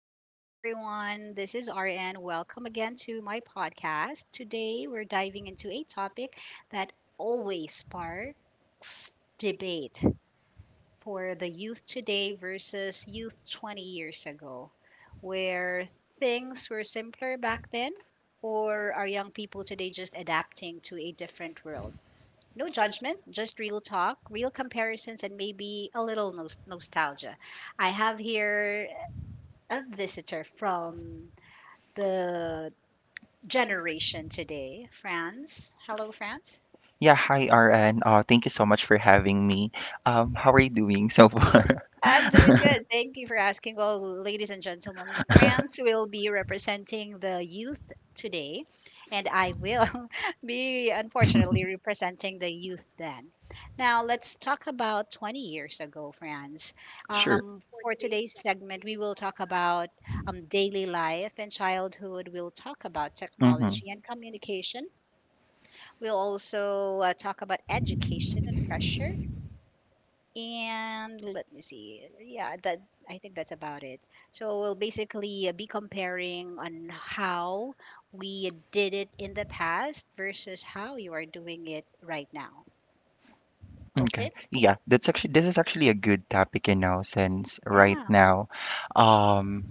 morning, everyone. This is RN. Welcome again to my podcast. Today, we're diving into a topic that always sparks debate for the youth today versus youth 20 years ago, where things were simpler back then, or are young people today just adapting to a different world? No judgment, just real talk, real comparisons, and maybe a little nostalgia. I have here a visitor from the generation today, France. Hello, France. Yeah, hi RN. Thank you so much for having me. How are you doing so far? I'm doing good. Thank you for asking. Well, ladies and gentlemen, France will be representing the youth today, and I will be, unfortunately, representing the youth then. Now, let's talk about 20 years ago, France. Sure. For today's segment, we will talk about daily life and childhood. We'll talk about Mm-hmm. technology and communication. We'll also talk about education and pressure. And let me see. Yeah, that I think that's about it. So we'll basically be comparing on how we did it in the past versus how you are doing it right now. Okay. Okay? Yeah, that's actually this is actually a good topic, you know, since right Yeah. now, um,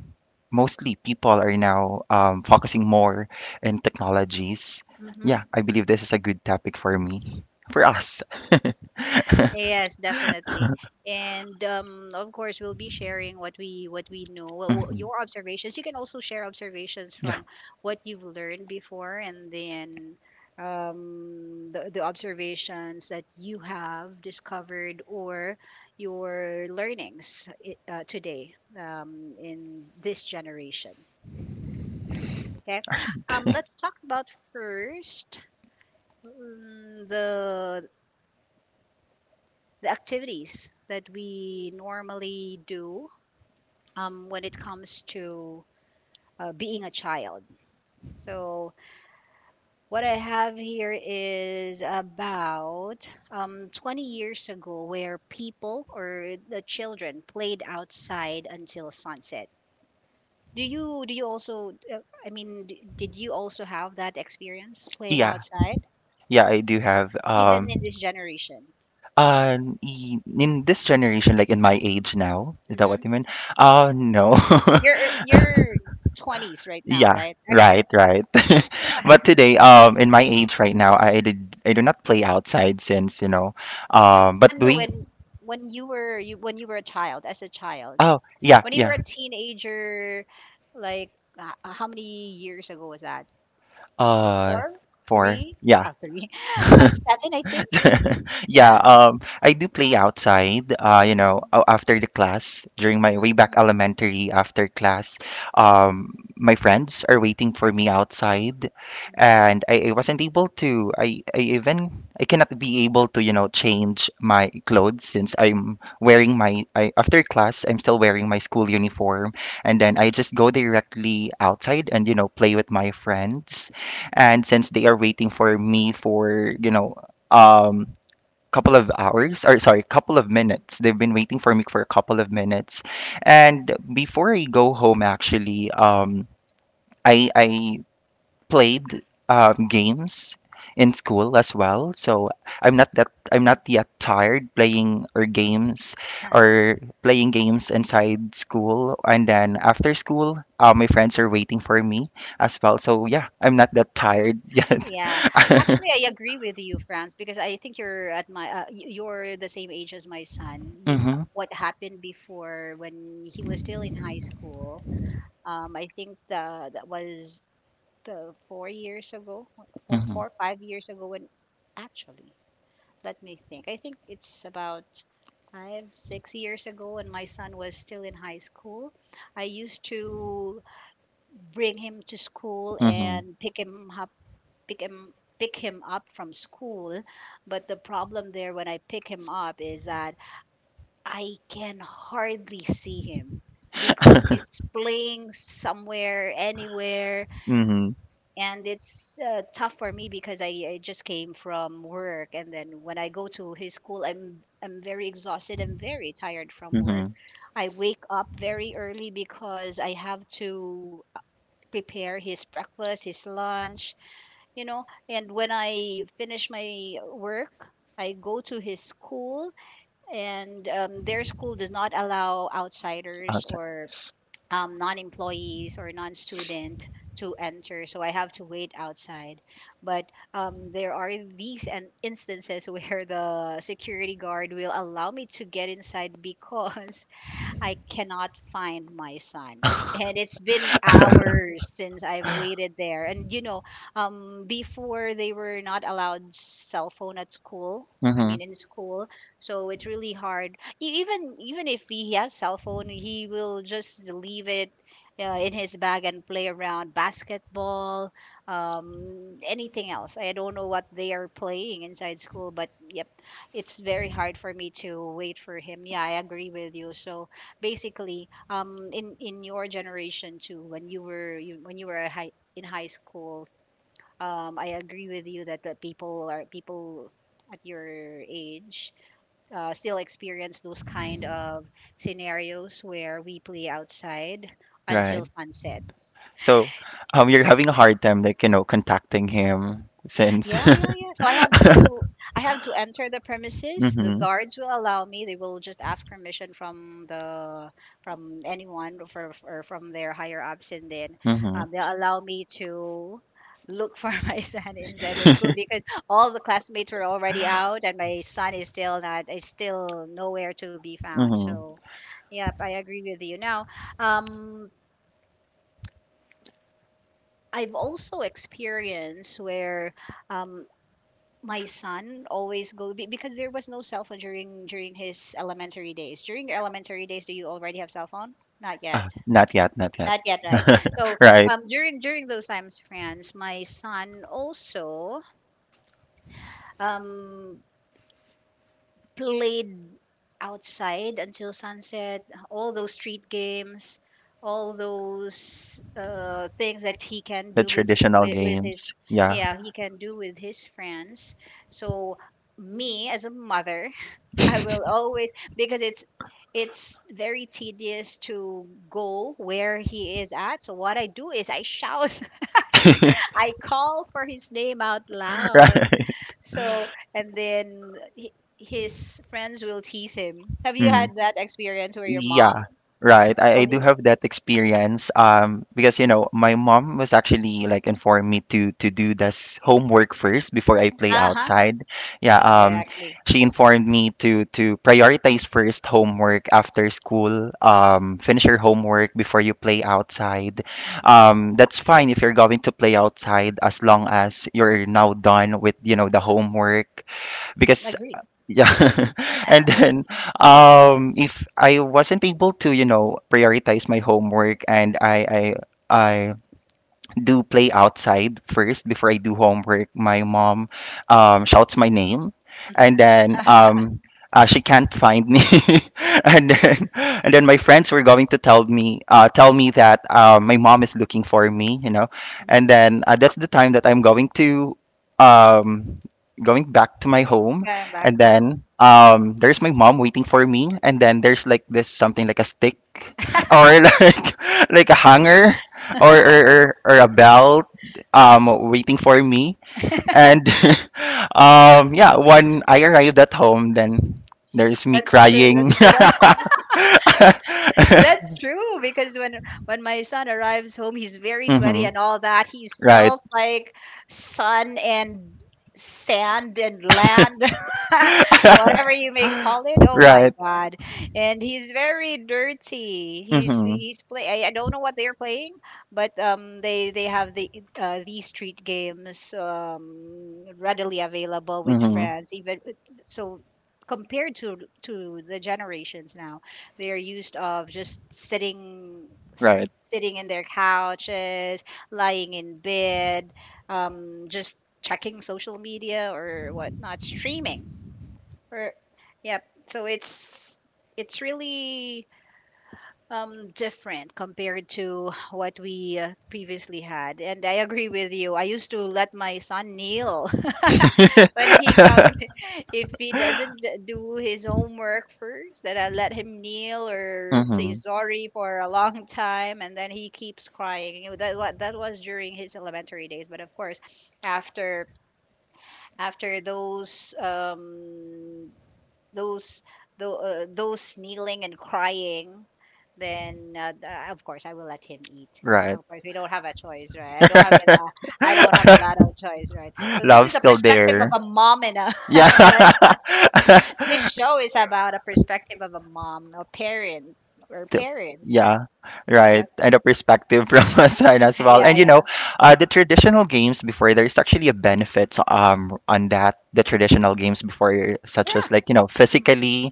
mostly people are now focusing more in technologies. Mhm. Yeah, I believe this is a good topic for me, for us. Yes, definitely. And of course, we'll be sharing what we know, what Mhm. your observations. You can also share observations Yeah. from what you've learned before, and then the observations that you have discovered or your learnings today in this generation. Okay, let's talk about first, mm, the the activities that we normally do when it comes to being a child. So, what I have here is about, 20 years ago, where people or the children played outside until sunset. Do you also? I mean, did you also have that experience playing Yeah. outside, Yeah, I do have even in this generation? uh in in this generation, like in my age now, is that what Hmm you mean? No. You're 20s right now, Yeah, right? Okay. right, right. But today, in my age right now, I do not play outside since, you know, um, but No, we, when you were you when you were a child, as a child, oh yeah, when you were yeah, a teenager, like, how many years ago was that? uh, Four, four, three, yeah. oh, three, seven, I think. Yeah, Yeah. I do play outside. You Mm-hmm. know, after the class, during my way back Mm-hmm. elementary, after class, Mm-hmm. My friends are waiting for me outside, and I wasn't able to. I cannot be able to, you know, change my clothes since I'm wearing my. I, after class, I'm still wearing my school uniform, and then I just go directly outside and, you know, play with my friends, and since they are waiting for me, for you know. Um, couple of hours or sorry couple of minutes, they've been waiting for me for a couple of minutes, and before I go home actually I played games in school as well, so I'm Mm-hmm. not yet tired playing or games or playing games inside school, and then after school, my friends are waiting for me as well, so yeah, I'm not that tired yet. Yeah, actually, I agree with you, France, because I think you're at my you're the same age as my son. You, hmm what happened before when he was still in high school? I think that was 4 years ago, hmm 5 years ago, when, actually, let me think. I think it's about five, 6 years ago when my son was still in high school. I used to bring him to school hmm and pick him up, pick him, pick him up from school. But the problem there when I pick him up is that I can hardly see him because he's playing somewhere, anywhere, Mm-hmm. and it's tough for me because I just came from work, and then when I go to his school, I'm very exhausted, I'm very tired from work. Mm-hmm. I wake up very early because I have to prepare his breakfast, his lunch, you know, and when I finish my work, I go to his school. And their school does not allow outsiders Outside. or non-employees or non-student to enter, so I have to wait outside. But there are these and instances where the security guard will allow me to get inside because I cannot find my son. And it's been hours since I've waited there. And you know, before, they were not allowed cell phone at school. I Mm-hmm. mean, in school, so it's really hard. Even if he has cell phone, he will just leave it in his bag and play around basketball, anything else. I don't know what they are playing inside school, but yep, it's very hard for me to wait for him. Yeah, I agree with you. So basically, in your generation too, when when you were in high school, I agree with you that the people are people at your age still experience those kind of scenarios where we play outside Right. until sunset. So, you're having a hard time, like, you know, contacting him since. Yeah, yeah, yeah. So I have to, I have to enter the premises. The Mm-hmm. guards will allow me. They will just ask permission from the, from anyone, or from their higher ups, and then Mm-hmm. they'll allow me to look for my son inside the school because all the classmates were already out and my son is still not is still nowhere to be found. Mm-hmm. So, yep, I agree with you. Now, um, I've also experienced where um, my son always go because there was no cell phone during his elementary days. During your elementary days, do you already have cell phone? Not Ah, yet. not yet, not yet. Not yet, right? So Right. During those times, friends, my son also um played outside until sunset, all those street games, all those things that he can The do with, traditional with games. his, Yeah. yeah, he can do with his friends. So, me as a mother, I will always, because it's very tedious to go where he is at. So what I do is I shout, I call for his name out loud. Right. So, and then his friends will tease him. Have you Mm. had that experience where your mom? Yeah, right. I Oh, do do you? have that experience. Because you know, my mom was actually like informed me to do this homework first before I play Uh huh. outside. Yeah, Exactly. she informed me to prioritize first homework after school. Finish your homework before you play outside. Mm-hmm. That's fine if you're going to play outside, as long as you're now done with, you know, the homework. Because Agree. yeah. And then if I wasn't able to, you know, prioritize my homework, and I do play outside first before I do homework, my mom shouts my name, and Hmm then she can't find me, and then and then my friends were going to tell me that my mom is looking for me, you know, and then that's the time that I'm going to, um, going back to my home. Going back And home. then there's my mom waiting for me, and then there's like this something like a stick or like like a hanger, or or a belt waiting for me, and yeah, when I arrived at home, then there's me That's true. That's crying. true. That's true because when my son arrives home, he's very hmm sweaty and all that. He right smells like sun and sand and land, whatever you may call it. Oh my right god! And he's very dirty. Hmm He's play. I don't know what they're playing, but they have the these street games, readily available with hmm friends. Even so, compared to the generations now, they're used of just sitting, s- right sitting in their couches, lying in bed, just checking social media or whatnot, streaming, or, yep. So it's really different compared to what we previously had. And I agree with you. I used to let my son kneel when he comes if he doesn't do his homework first. Then I let him kneel or say hmm sorry for a long time and then he keeps crying, you know, that was during his elementary days. But of course, after after those those, those kneeling and crying, then of course I will let him eat. Right. Of course, we don't have a choice, right? I don't have a lot of choice, right? So this Love is a still perspective of there. a mom and a Yeah. and I, this show is about a perspective of a mom or parent or the- parents. yeah, Yeah, right, and a perspective from a side as well, yeah, and you know, yeah, the traditional games before, there's actually a benefit on that. The traditional games before, such yeah. as like you know physically,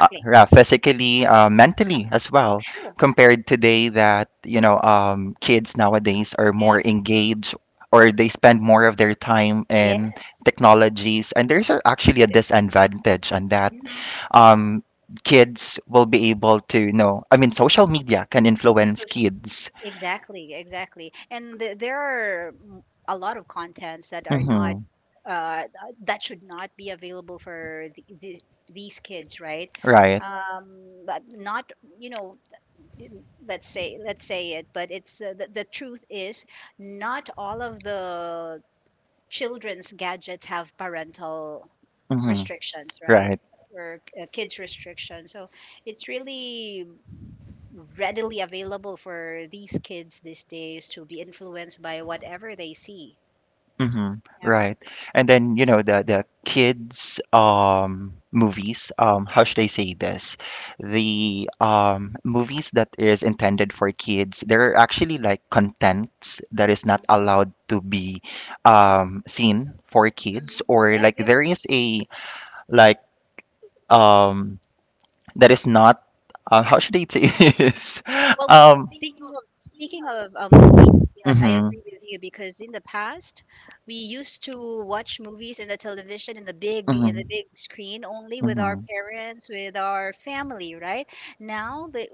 yeah, physically, mentally as well, True. compared today that you know kids nowadays are Yeah. more engaged, or they spend more of their time Yeah. in technologies, and there's actually a disadvantage on that. hmm um Kids will be able to, you know, I mean social media can influence kids. Exactly, exactly. And there are a lot of contents that are not Hmm uh, th- that should not be available for these kids, right? right But not, you know, th- let's say it, but it's, the truth is not all of the children's gadgets have parental hmm restrictions, right? right Or kids restrictions. So it's really readily available for these kids these days to be influenced by whatever they see. hmm Yep. right. And then you know the kids movies, how should I say this, the movies that is intended for kids, there are actually like contents that is not allowed to be seen for kids, hmm or Yep. like Yep. there is a like um that is not how should I say this? Well, Um, speaking of speaking of movies, yes, I mhm, agree with you because in the past we used to watch movies in the television, in mhm, the big screen only with our mhm, parents, with our family, right? Now the.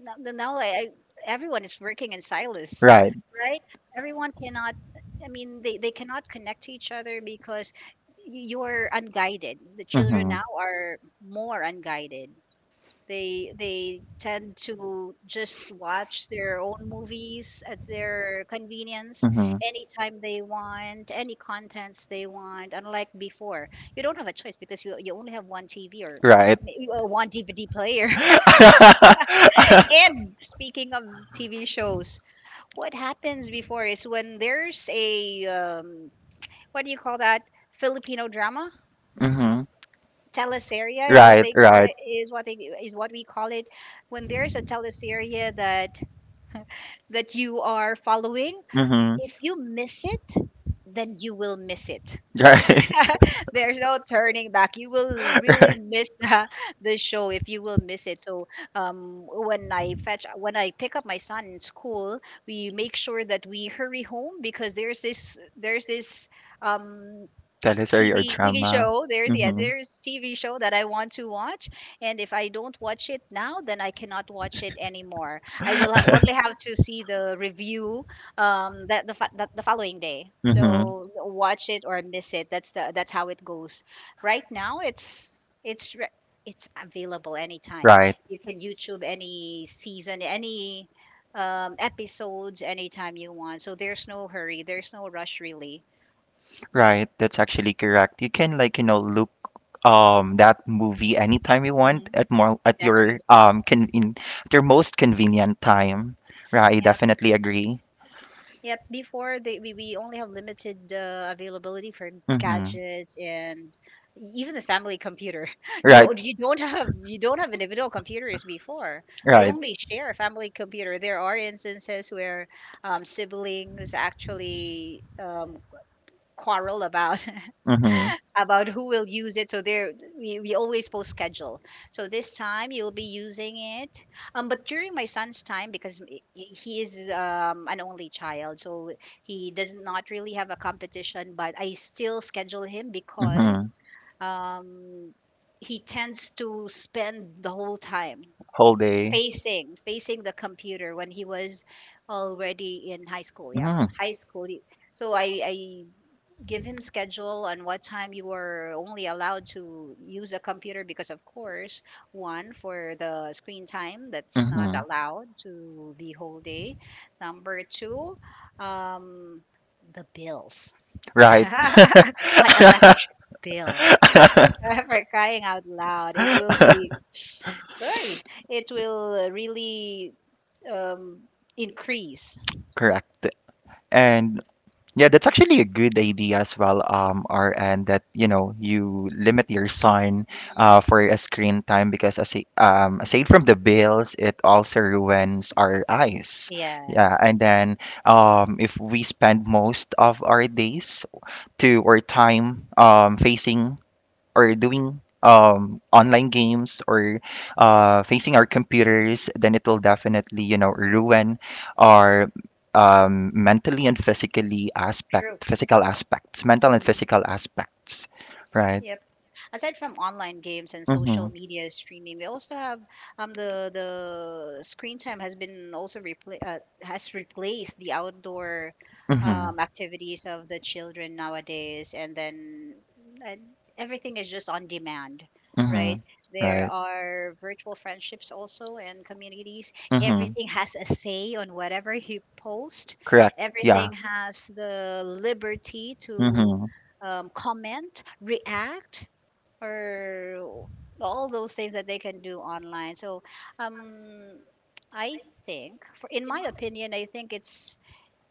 No, no, no, I, everyone is working in silos, right, right? Everyone cannot, I mean, they cannot connect to each other because y- you're unguided. The children mhm, now are more unguided. They tend to just watch their own movies at their convenience mhm, anytime they want, any contents they want, unlike before. You don't have a choice because you only have one TV or right. Or one DVD player. And speaking of TV shows, what happens before is when there's a what do you call that? Filipino drama? mhm, Teleserye is what right, they call right, it. Is what we call it. When there's a teleserye that you are following, mhm, if you miss it, then you will miss it. right, There's no turning back. You will really right. miss the show if you will miss it. So, when I pick up my son in school, we make sure that we hurry home because there's this um Teleserye or TV drama. show. Mhm, There's TV show that I want to watch, and if I don't watch it now, then I cannot watch it anymore. I will only have to see the review that the following day. Mm-hmm. So watch it or miss it. That's the that's how it goes. Right now, it's re- it's available anytime. Right, You can YouTube any season, any episodes anytime you want. So there's no hurry, there's no rush really. right. That's actually correct. You can like, you know, look that movie anytime you want, hmm at more at your Exactly. Con in at your most convenient time. Right, I Yeah, definitely agree. Yep, before they we only have limited availability for Mm-hmm. gadgets and e- even the family computer. Right, You don't have you don't have individual computers before. We right. only share a family computer. There are instances where siblings actually quarrel about Mm-hmm. about who will use it. So there, we always post schedule. So this time you'll be using it. But during my son's time, because he is an only child, so he does not really have a competition. But I still schedule him Mm-hmm. because um, he tends to spend the whole time Whole day. facing the computer when he was already in high school. Yeah, Mm-hmm. high school. So I give him schedule on what time you are only allowed to use a computer because of course one for the screen time that's not Mm-hmm. allowed to be whole day, number two, um the bills, my elect bill, Right. for crying out loud it will be sorry it will really um increase. Correct. And yeah, that's actually a good idea as well, RN, that you know you limit your son Mhm. For a screen time, because as aside from the bills, it also ruins our eyes. Yeah, Yes. and then if we spend most of our days to or time facing or doing online games or facing our computers, Mhm. then it will definitely, you know, ruin our mentally and physically True. aspect, physical aspects, mental and Mhm. physical aspects, right? Aside from online games and Mm-hmm. social media streaming, we also have the screen time has been also has replaced the outdoor Mm-hmm. Activities of the children nowadays, and then uh, everything is just on demand, right? Mm-hmm. There Right. are virtual friendships also and communities. Mm-hmm. Everything has a say on whatever you post. Correct. Yeah. Everything has the liberty to Mm-hmm. Comment, react, or all those things that they can do online. So, um, I think, for in my opinion, I think it's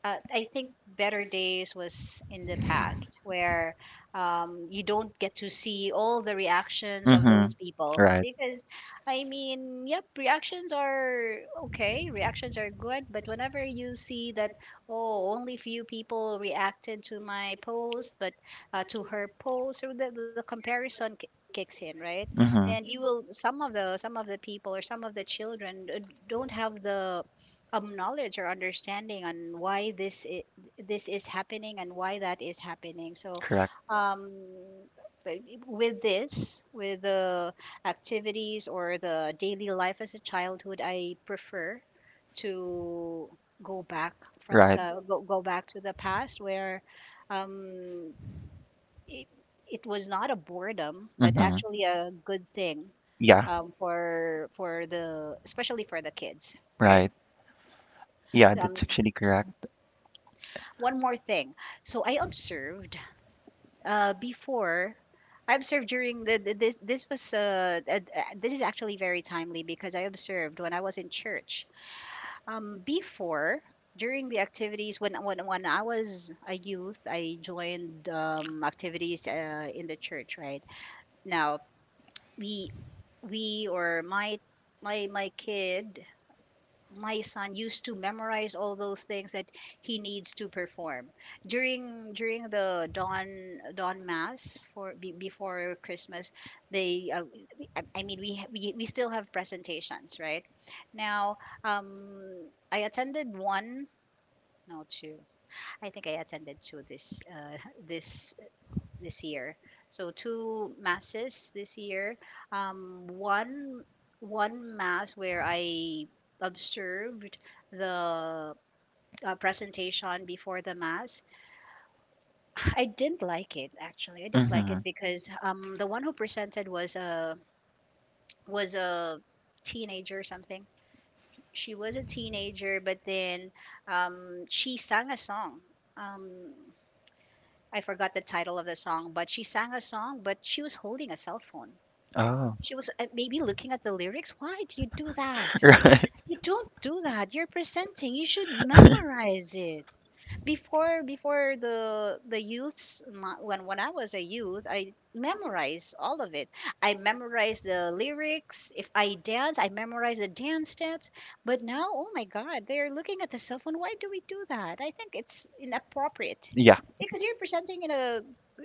I think better days was in the past where you don't get to see all the reactions of those Mm-hmm. people Right. because I mean, yep, reactions are okay, reactions are good, but whenever you see that oh, only few people reacted to my post, but to her post, or the comparison kicks in, right? Mm-hmm. And you will some of the people or some of the children don't have the knowledge or understanding on why this is happening and why that is happening. So, Correct. um, like, with this, with the activities or the daily life as a childhood, I prefer to go back from Right. Go back to the past where um, it, it was not a boredom, but Mm-hmm. actually a good thing Yeah. For the especially for the kids, right? Right. Yeah, um, that's actually correct. One more thing. So I observed before. I observed during the this was this is actually very timely because I observed when I was in church. Before during the activities when I was a youth, I joined activities in the church. Right now, we we or my my kid, my son used to memorize all those things that he needs to perform during the dawn mass for before Christmas. They I mean we still have presentations right now. um I attended one, no two, I think I attended two this this this year. So two masses this year. Um, one One mass where I observed the presentation before the mass. I didn't like it actually. I didn't like Mm-hmm. it because the one who presented was a teenager or something. She was a teenager, but then she sang a song. Um, I forgot the title of the song, but she sang a song, but she was holding a cell phone. Oh. She was maybe looking at the lyrics. Why do you do that? Right. You don't do that. You're presenting. You should memorize it. Before the when I was a youth, I memorized all of it. I memorized the lyrics. If I dance, I memorized the dance steps. But now, oh my God, they're looking at the cell phone. Why do we do that? I think it's inappropriate Yeah. because you're presenting in a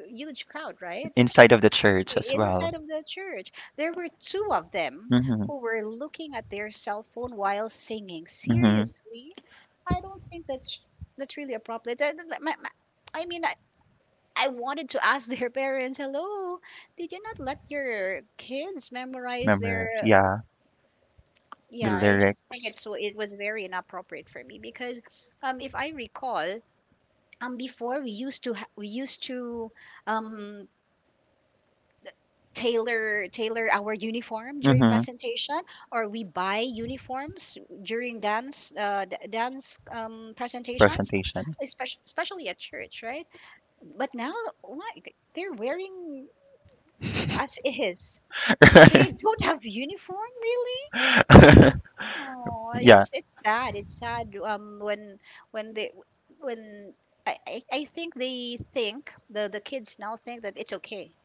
huge crowd, right? Inside of the church as Inside well. of the church. There were two of them Mm-hmm. who were looking at their cell phone while singing. Mm-hmm. Seriously, I don't think that's really appropriate. I, like, my- my- I mean, I wanted to ask their parents, "Hello, did you not let your kids memorize their?" Remember. Yeah. The Yeah, I just think it's lyrics. so it was very inappropriate for me because, if I recall, before we used to um tailor our uniform during Mm-hmm. presentation or we buy uniforms during dance dance presentations, Presentation. especially, especially at church, right? But now what they're wearing as is, they Right. don't have uniform really. Oh, Yeah. it's sad, it's sad when they when I think they think the kids now think that it's okay.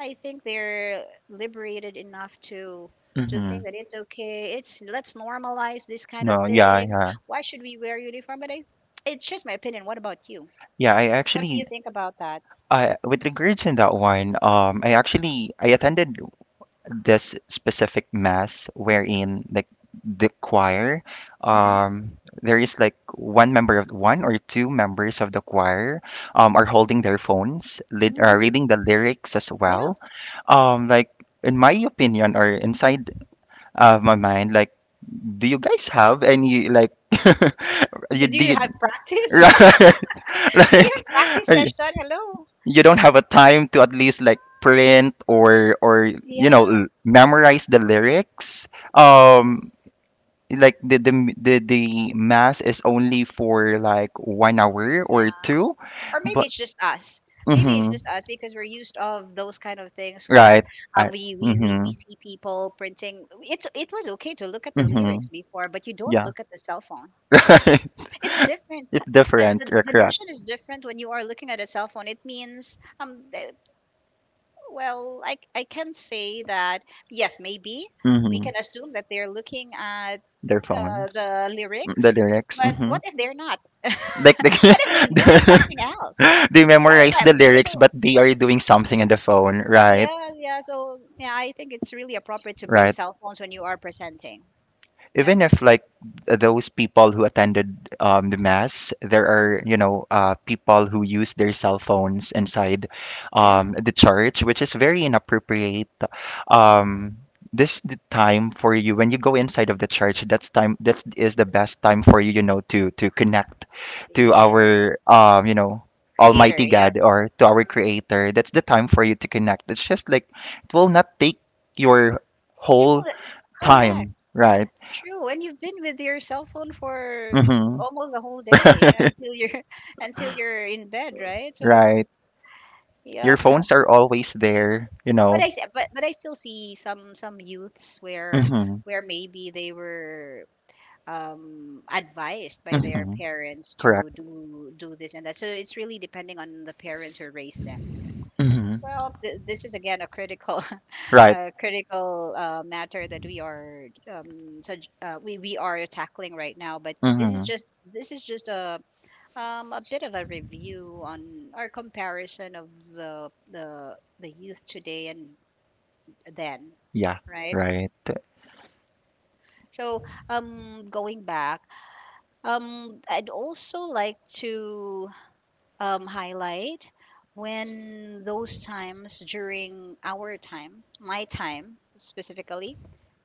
I think they're liberated enough to hmm think that it's okay. It's let's normalize these kind of No, yeah, things. yeah. Why should we wear uniform? But I, it's just my opinion. What about you? Yeah, I What do you actually think about that? I with regards in that one, I actually I attended this specific mass wherein like the choir, Mm-hmm. um there is like one member of one or two members of the choir are holding their phones, lit are Mm-hmm. reading the lyrics as Yeah. well. Like in my opinion, or inside of my mind, like do you guys have any like you Did you did have practice? right Did like you have practice uh, y- session? Hello. you don't have a time to at least like print, or you know Yeah. Memorize the lyrics, um like the the mass is only for like 1 hour or Yeah. two, Or maybe but it's just us. Maybe it's mm-hmm, just us because we're used of those kind of things where right I, we mm-hmm, see people printing. It's it was okay to look at the mm-hmm, lyrics before, but you don't yeah look at the cell phone. It's different. it's The, different, the you're the correct. notion is different when you are looking at a cell phone. It means the, well, I can say that yes, maybe we Hmm can assume that they're looking at Their phones. the Mm, The lyrics, lyrics. but Hmm what if they're not? Like What if they're doing something else? they Right? memorize Right. the lyrics, So but they are doing something on the phone, right? yeah, yeah. So yeah, I think it's really appropriate to bring Right. cell phones when you are presenting. Yep. Even if like those people who attended the mass, there are you know people who use their cell phones inside Yeah. The church, which is very inappropriate. Mhm. Um, this the time for you when you go inside of the church. That's time. That is the best time for you, you know, to connect to Yeah. our you know. Creator. Almighty Yep. God or to our Creator, that's the time for you to connect. It's just like it will not take your You whole will- Correct. Time, right? True, and you've been with your cell phone for Mm-hmm. almost the whole day until you're until you're in bed, right? So Right. Your yeah, but, phones are always there, you know. But I still see some youths Mm-hmm. where maybe they were advised by their Mm-hmm. parents to Correct. do do this and that. So it's really depending on the parents who raised them. Mm-hmm. Well, this is again a critical, Right. a critical matter that we are we are tackling right now. But Mm-hmm. This is just a bit of a review on our comparison of the the youth today and then, Yeah. right? Right. So going back, I'd also like to highlight when those times during our time, my time specifically,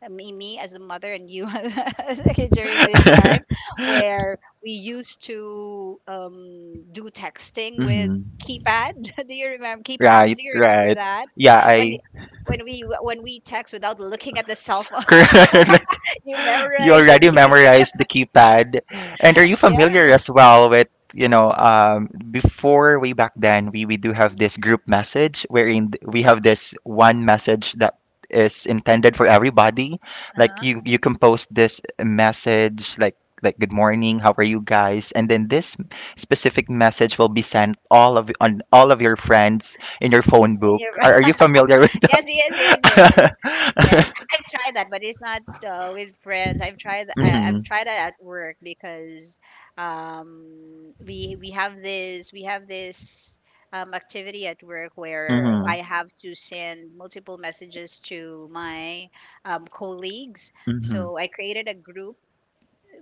me as a mother and you as- okay, during this time, where we used to do texting with mm-hmm. keypad. Do you remember keypads? Right. Do you remember Right. that? Yeah. When I. When we text without looking at the cell phone, Correct. you You memorize the already key. memorized the keypad. And are you familiar Yeah. as well with, you know, before way back then, we do have this group message wherein we have this one message that is intended for everybody. Like Uh-huh. You compose this message like good morning, how are you guys? And then this specific message will be sent all of on all of your friends in your phone And book. you- Are you familiar with yes, that? yes, yes, yes, yes. Yes, I've tried that, but it's not with friends. I, I've Mhm. tried it at work because we have this activity at work where Mhm. I have to send multiple messages to my colleagues. Mhm. So I created a group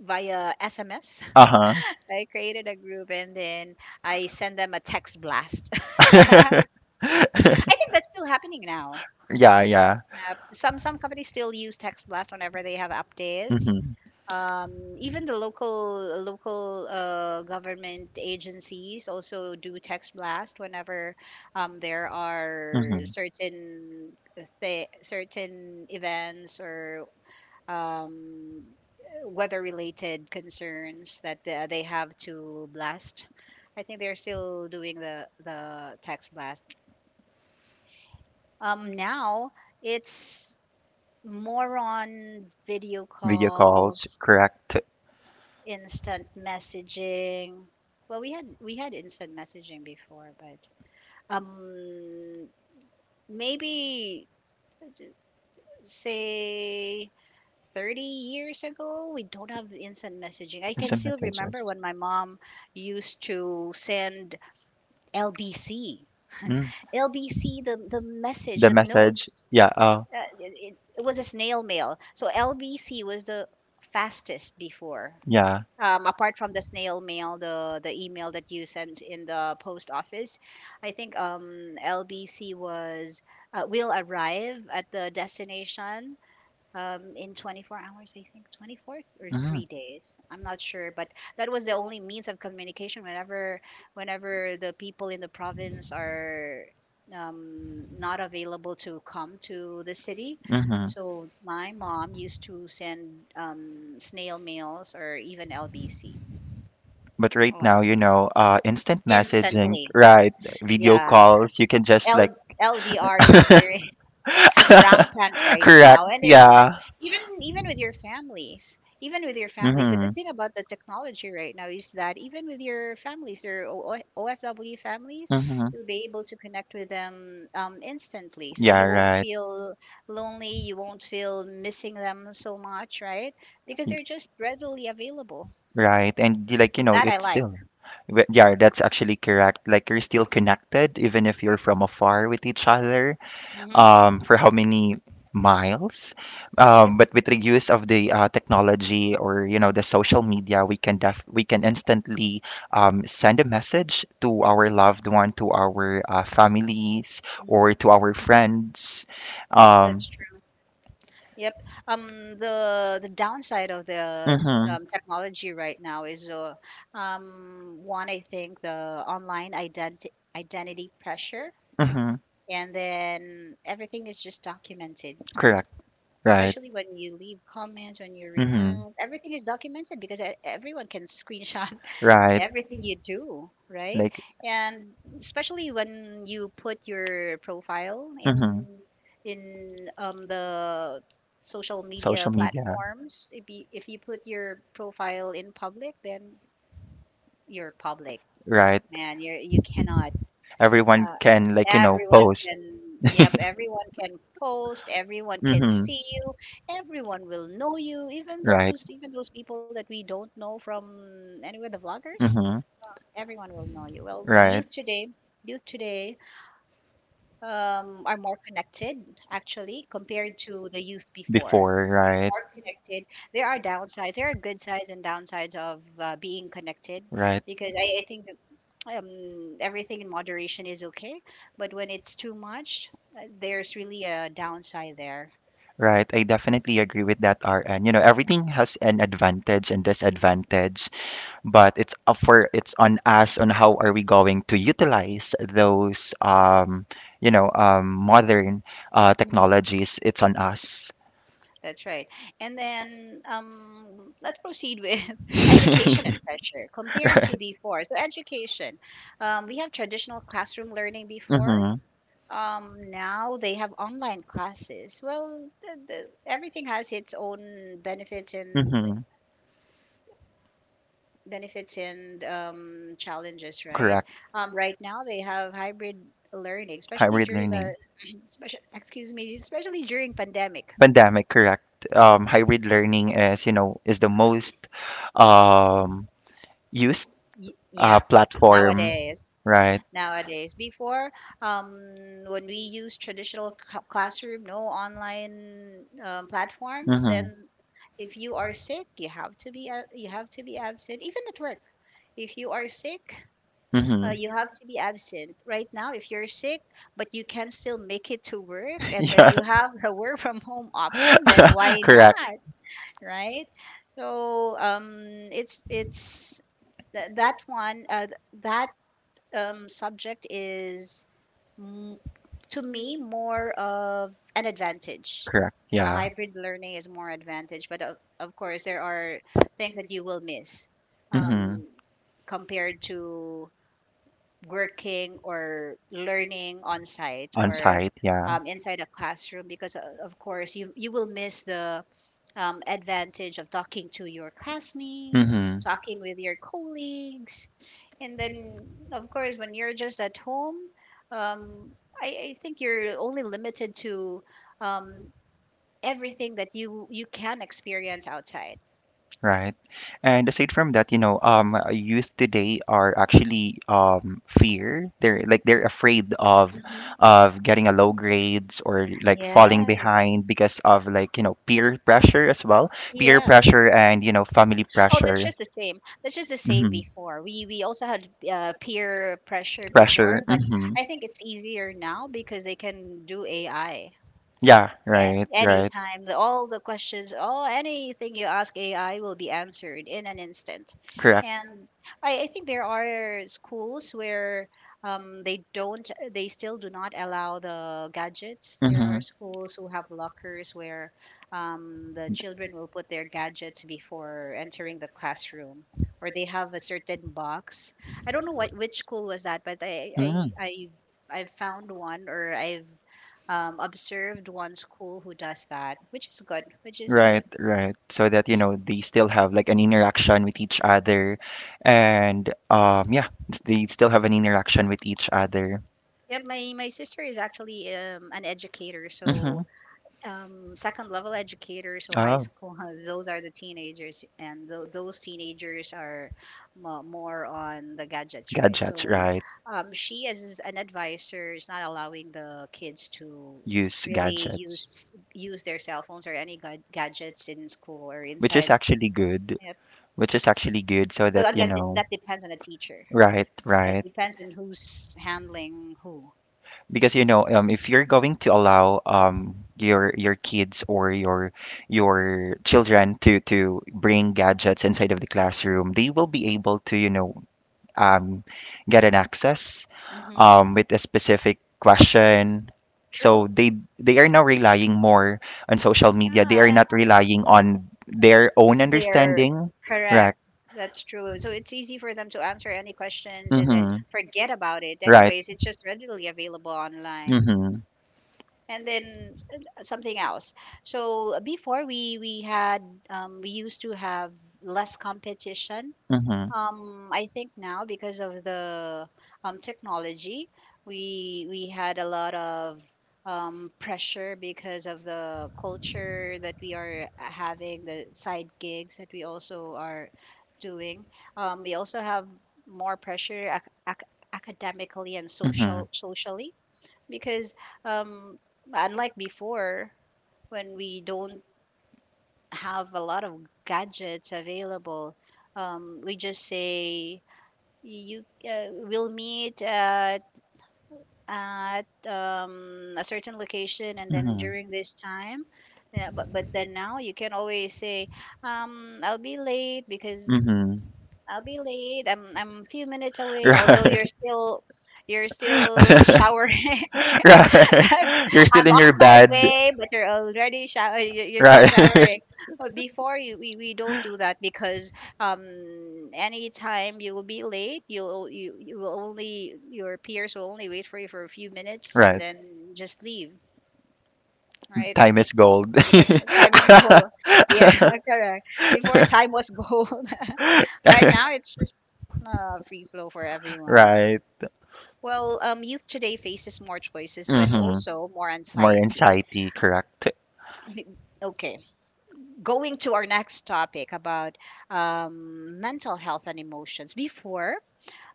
via SMS. Uh-huh. I created a group and then I send them a text blast. I think that's still happening now. Yeah, yeah. App. Some companies still use text blast whenever they have updates. Mhm. Even the local government agencies also do text blast whenever there are Mhm. certain certain events or um, weather related concerns that they have to blast. I think they're still doing the text blast. Now it's more on video Video calls, calls, correct. instant messaging. Well, we had instant messaging before, but um maybe say 30 years ago, we don't have instant messaging. I can Instant still messages. remember when my mom used to send LBC. Mm, LBC the message, the the message. notes. Yeah, oh, It was a snail mail. So LBC was the fastest before yeah. Apart from the snail mail, the email that you sent in the post office, I think LBC was will arrive at the destination in 24 hours, I think, 24 or Mm, 3 days. I'm not sure, but that was the only means of communication. Whenever, whenever the people in the province are not available to come to the city, mhm. so my mom used to send snail mails or even LBC. But right Well, now, you know, instant messaging, instantly, right? Video yeah. calls. You can just like LDR is very rampant right correct. now, and Yeah. even even with your families even with your families the good Mhm. thing about the technology right now is that even with your families your OFW families Mhm. you'll be able to connect with them instantly, so Yeah. you won't Right. feel lonely, you won't feel missing them so much, right? Because they're just readily available. Right. And you like, you know, That I it's like. still, yeah, hmm that's actually correct. Like you're still connected even if you're from afar with each other. hmm For how many miles. Yep. But with the use of the technology, or you know the social media, we can def we can instantly send a message to hmm our loved one, to our families, hmm or to our friends. Um, Yep. The downside of the mm-hmm, technology right now is one, I think, the online identi identity pressure, mm-hmm, and then everything is just documented, correct, right. especially when you leave comments, when you Mm-hmm. react. Everything is documented because everyone can screenshot Right. everything you do, right? Like, And especially when you put your profile in mm-hmm. The social Social media media. platforms. If you put your profile in public, then you're public, Right. man. You are, you cannot Everyone uh, can, like, you know, everyone post. can, yep, everyone can post, everyone can Mm-hmm. see you, everyone will know you, even Right. those even those people that we don't know from anywhere, the vloggers, Mm-hmm. everyone will know you. Well, Right. Youth today are more connected actually compared to the youth before. Before, right. More connected. There are downsides. There are good sides and downsides of being connected, Right. because I think everything in moderation is okay. But when it's too much, there's really a downside there. Right, I definitely agree with that, RN. You know, everything has an advantage and Mhm. disadvantage, but it's up for it's on us on how are we going to utilize those you know, modern technologies. It's on us, That's right. And then let's proceed with education and pressure compared right? to before. So, education, we have traditional classroom learning before. Mm-hmm. Now they have online classes. Well, everything has its own benefits and Mm-hmm. Challenges, right? Correct. Right now they have hybrid learning, especially Hybrid during the learning. especially, excuse me, especially during pandemic. Pandemic, correct. Hybrid learning is, you know, is the most um, used Yep, platform, nowadays. right? Nowadays, before um, when we use traditional classroom, no online platforms, then Mhm. if you are sick, you have to be you have to be absent, even at work. If you are sick, So Mhm. you have to be absent right now if you're sick, but you can still make it to work, and then Yeah. you have the work from home option. Then why Correct. not, right? So it's th- that one th- that subject is m- to me more of an advantage. Correct. Yeah. Hybrid learning is more advantage, but of course there are things that you will miss Mhm. um, compared to working or learning on site On or site. Yeah. Inside a classroom, because of course you will miss the advantage of talking to your classmates, Mhm. talking with your colleagues, and then of course when you're just at home, um, I think you're only limited to um, everything that you can experience outside. Right. And aside from that, you know, youth today are actually fear. They're like they're afraid Hmm of getting a low grades, or like falling Yes. behind because of like, you know, peer pressure as well. Peer Yeah. pressure, and you know, family Oh, that's pressure. just the same. That's just the same Hmm before. We also had peer pressure before, Pressure. but Hmm I think it's easier now because they can do AI. Yeah, right, right. Anytime, all the questions, all anything you ask AI will be answered in an instant. Correct. And I think there are schools where they don't, they still do not allow the gadgets. There Mm-hmm. are schools who have lockers where the children will put their gadgets before entering the classroom, or they have a certain box. I don't know what, which school was that, but Mm-hmm. I've found one, or I've observed one school who does that, which is good, which is Right, good. right. So that, you know, they still have like an interaction with each Hmm other, and yeah, they still have an interaction with each other. Yep, my sister is actually an educator, Mm-hmm. so second level educator, so high Oh, school. Those are the teenagers, and those teenagers are mo more on the gadgets, right? gadgets, So right. She, as an advisor, is not allowing the kids to Use really use gadgets. Their cell phones or any gadgets in school or Which is inside. actually good. Yep. Which is actually good so So that, you again, know, that depends on the teacher. right, That right. depends on who's handling who. Because if you're going to allow your kids or your children to bring gadgets inside of the classroom, they will be able to, you know, um, get an access, Mm-hmm. With a specific question. So True. they are now relying more on social media. They are Yeah, not relying on their own and they're understanding, right. correct. That's true. So it's easy for them to answer any questions and then Mm-hmm. forget about it. Right. Anyways, it's just readily available online. Mm-hmm. And then something else. So before we had we used to have less competition. Mm-hmm. I think now because of the technology, we had a lot of pressure because of the culture that we are having, the side gigs that we also are doing. We also have more pressure academically and Mm-hmm. Socially, because um, unlike before, when we don't have a lot of gadgets available, we just say you will meet at a certain location and then Mhm. during this time. Yeah, but then now you can always say I'll be late because Mhm. I'll be late I'm a few minutes away, although you're Right. still, you're still showering. Right. You're still I'm in your on my bed. way, but you're already shower. You're Right. still showering. But before we don't do that, because um, anytime you will be late, you will only, your peers will only wait for you for a few minutes and Right. then just leave, right? Time is gold. Because time is gold. Yeah, correct. Before time was gold, but now it's just free flow for everyone. Right. Well, youth today faces more choices, but Mhm. also more More anxiety. anxiety, correct? B- Okay, going to our next topic about mental health and emotions. Before,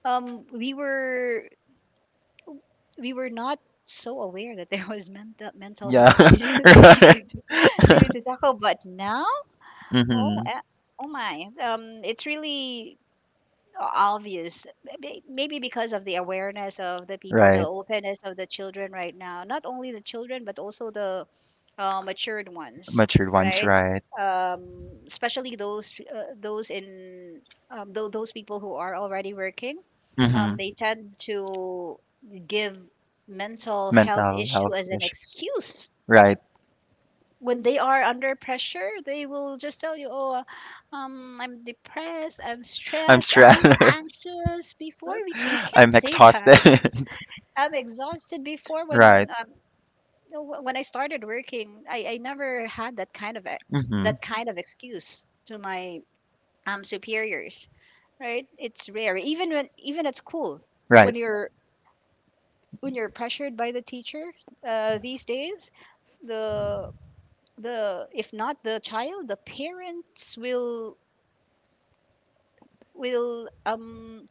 um, we were we were not so aware that there was mental Yeah. health issues that we Right. We need to tackle. But now, oh, Mm-hmm. eh, oh my, it's really obvious. Maybe maybe because of the awareness of the people, the Right. openness of the children right now, not only the children but also the matured ones, Matured ones, right? right. Um, especially those in those people who are already working, Mm-hmm. they tend to give mental health Mental issue health as an issues. excuse. Right. When they are under pressure, they will just tell you, "Oh, I'm depressed, I'm I'm stressed, I'm stressed. anxious." Before you can't I'm say that. exhausted. I'm exhausted. Before Right. when when I started working, I never had that kind of Mm-hmm. that kind of excuse to my superiors. Right? It's rare. Even when, even at school, Right. when you're, when you're pressured by the teacher these days, the the, if not the child, the parents will will um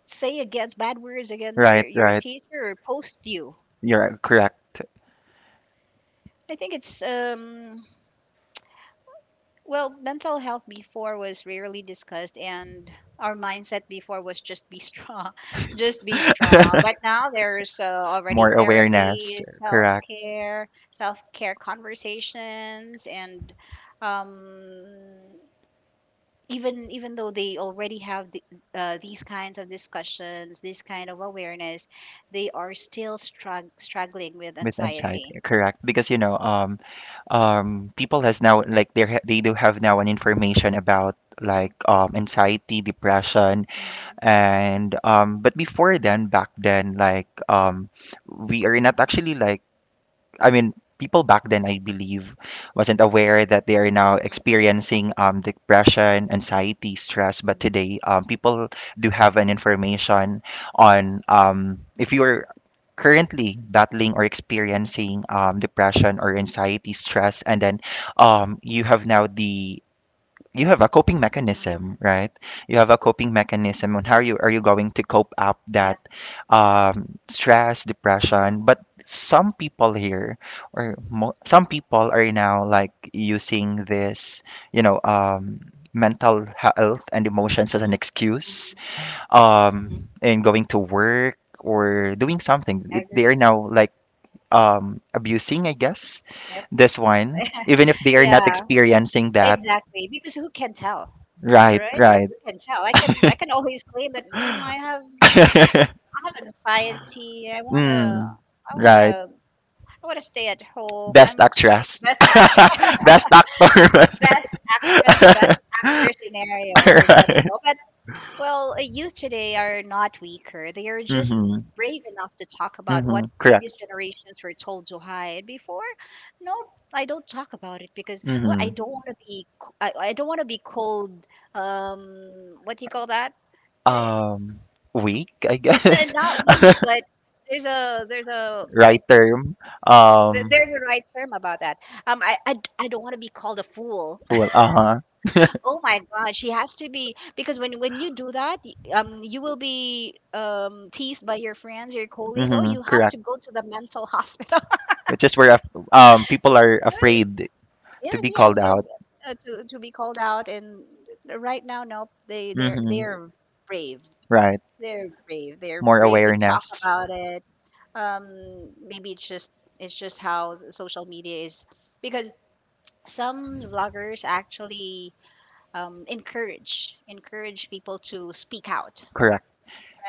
say against bad words against Right, your right. teacher or post you. You're correct. I think it's well, mental health before was rarely discussed, and our mindset before was just be strong, just be strong, but now there's already More awareness, therapy, correct. Self-care conversations, and um even though they already have these kinds of discussions, this kind of awareness, they are still struggling with With anxiety. anxiety, correct. Because people has now, like, they do have now an information about, Mm-hmm. like, anxiety, depression, Mm-hmm. and but before, then back then, like, we are not actually, like, I mean, people back then, I believe, wasn't aware that they are now Mm-hmm. experiencing depression, anxiety, stress. But Mm-hmm. today, people do have an information on, if you're currently battling or experiencing depression or Mm-hmm. anxiety, stress. And then you have now the, you have a coping Mm-hmm. mechanism, right? You have a coping mechanism on how you are, you going to cope up that Yep. Stress, Mhm, depression. But some people here, or some people are now, like, using this, you know, mental health and emotions as an mhm, excuse mhm, mhm. In going to work or doing something. It, they are Agreed. now, like, abusing, I guess, Yep. this one, even if they are not Yeah, experiencing that. exactly, because who can tell? Right, Right, because right. who can tell? I can always claim that, mm, I have anxiety. Mm, i want to right. I want to stay at home. That's, I'm Best actress. actually best actor. Best actor. Best Best actress, actor. best actor scenario is what I Right. go. But well, youth today are not weaker. They are just Mm-hmm. brave enough to talk about Mm-hmm. what previous Correct. generations were told to hide before. No, I don't talk about it because well, Mm-hmm. I don't want to be called. Um, what do you call that? Eh, Um, weak, I guess. not weak, but there's a Right term. Um, there's a right term about that. I don't want to be called a fool. well, uh-huh. Oh my God, she has to be because when you do that, you will be teased by your friends, your colleagues. Oh, Mm-hmm. you have Correct. to go to the mental hospital. Which is where um, people are Right? afraid to Yes, be yes, called yes. out. To be called out, and right now, nope. Mm-hmm. They're brave. Right. They're brave. They're More brave to awareness. talk about it. Maybe it's just, it's just how the social media is, because some vloggers actually encourage people to speak out, Correct.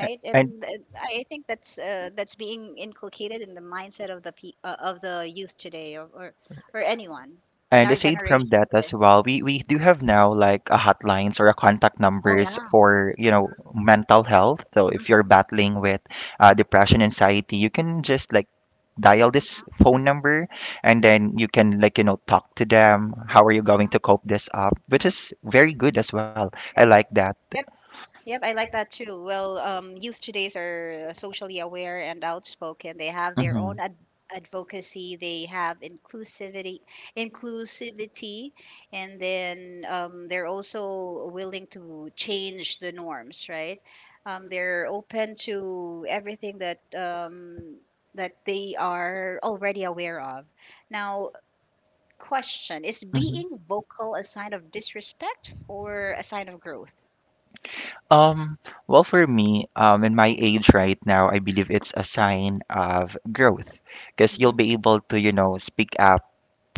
A- And And I think that's being inculcated in the mindset of the youth today, or anyone in and our aside from generation that as today. well, we do have now, like, a hotlines or a contact Oh numbers yeah. for, you know, mental health. So hmm if you're hmm battling with depression, anxiety, you can just, like, dial this phone number, and then you can, like, you know, talk to them. How are you going to cope this up? Which is very good as well. I Yep. like that. Yep. Yep, I like that too. Well, youth today's are socially aware and outspoken. They have their Mm-hmm. own advocacy. They have inclusivity, inclusivity, and then they're also willing to change the norms, right? They're open to everything that that they are already aware of. Now, question: is being vocal a sign of disrespect or a sign of growth? Um, well, for me, in my age right now, I believe it's a sign of growth because you'll Hmm be able to, you know, speak up.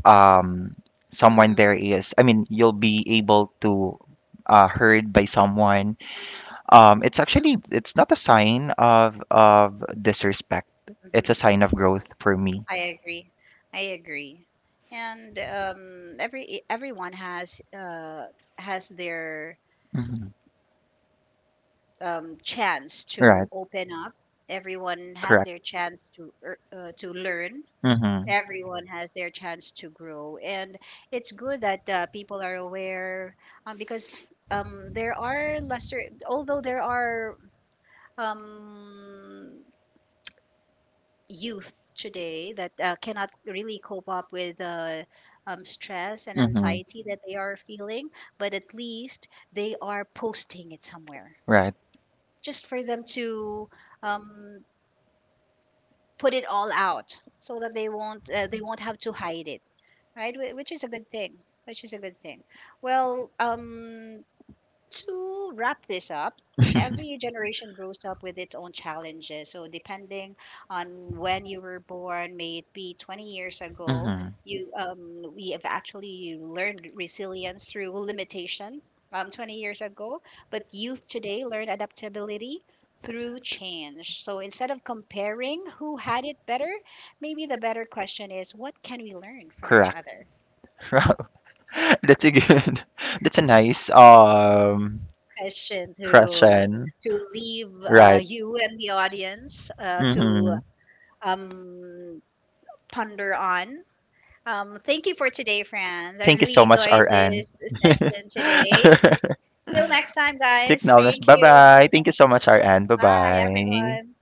Um, someone hmm there is, I mean, you'll be able to heard by someone. It's actually, it's not a sign of disrespect. It's a hmm sign of growth for me. I agree. I agree. And everyone has their Hmm. Chance to Right. open up. Everyone has Correct. their chance to to learn. Mm-hmm. Everyone has their chance to grow, and it's good that people are aware, because there are lesser. Although there are um, youth today that cannot really cope up with the stress and Mm-hmm. anxiety that they are feeling, but at least they are posting it somewhere Right. just for them to um, put it all out so that they won't have to hide it, right? Which is a good thing, which is a good thing. Well, to wrap this up, every generation grows up with its own challenges. So, depending on when you were born, may it be 20 years ago, Mm-hmm. you we have actually learned resilience through limitation 20 years ago. But youth today learn adaptability through change. So, instead of comparing who had it better, maybe the better question is, what can we learn from each Correct. other? That's a good. That's a nice Question question, to leave right? you and the audience to Mm-hmm. um, ponder on. Thank you for today, friends. I Thank you really so much, enjoyed RN. this session today. Till next time, Take guys. knowledge. Thank Bye you. bye. Thank you so much, RN. Bye Bye, bye. everyone.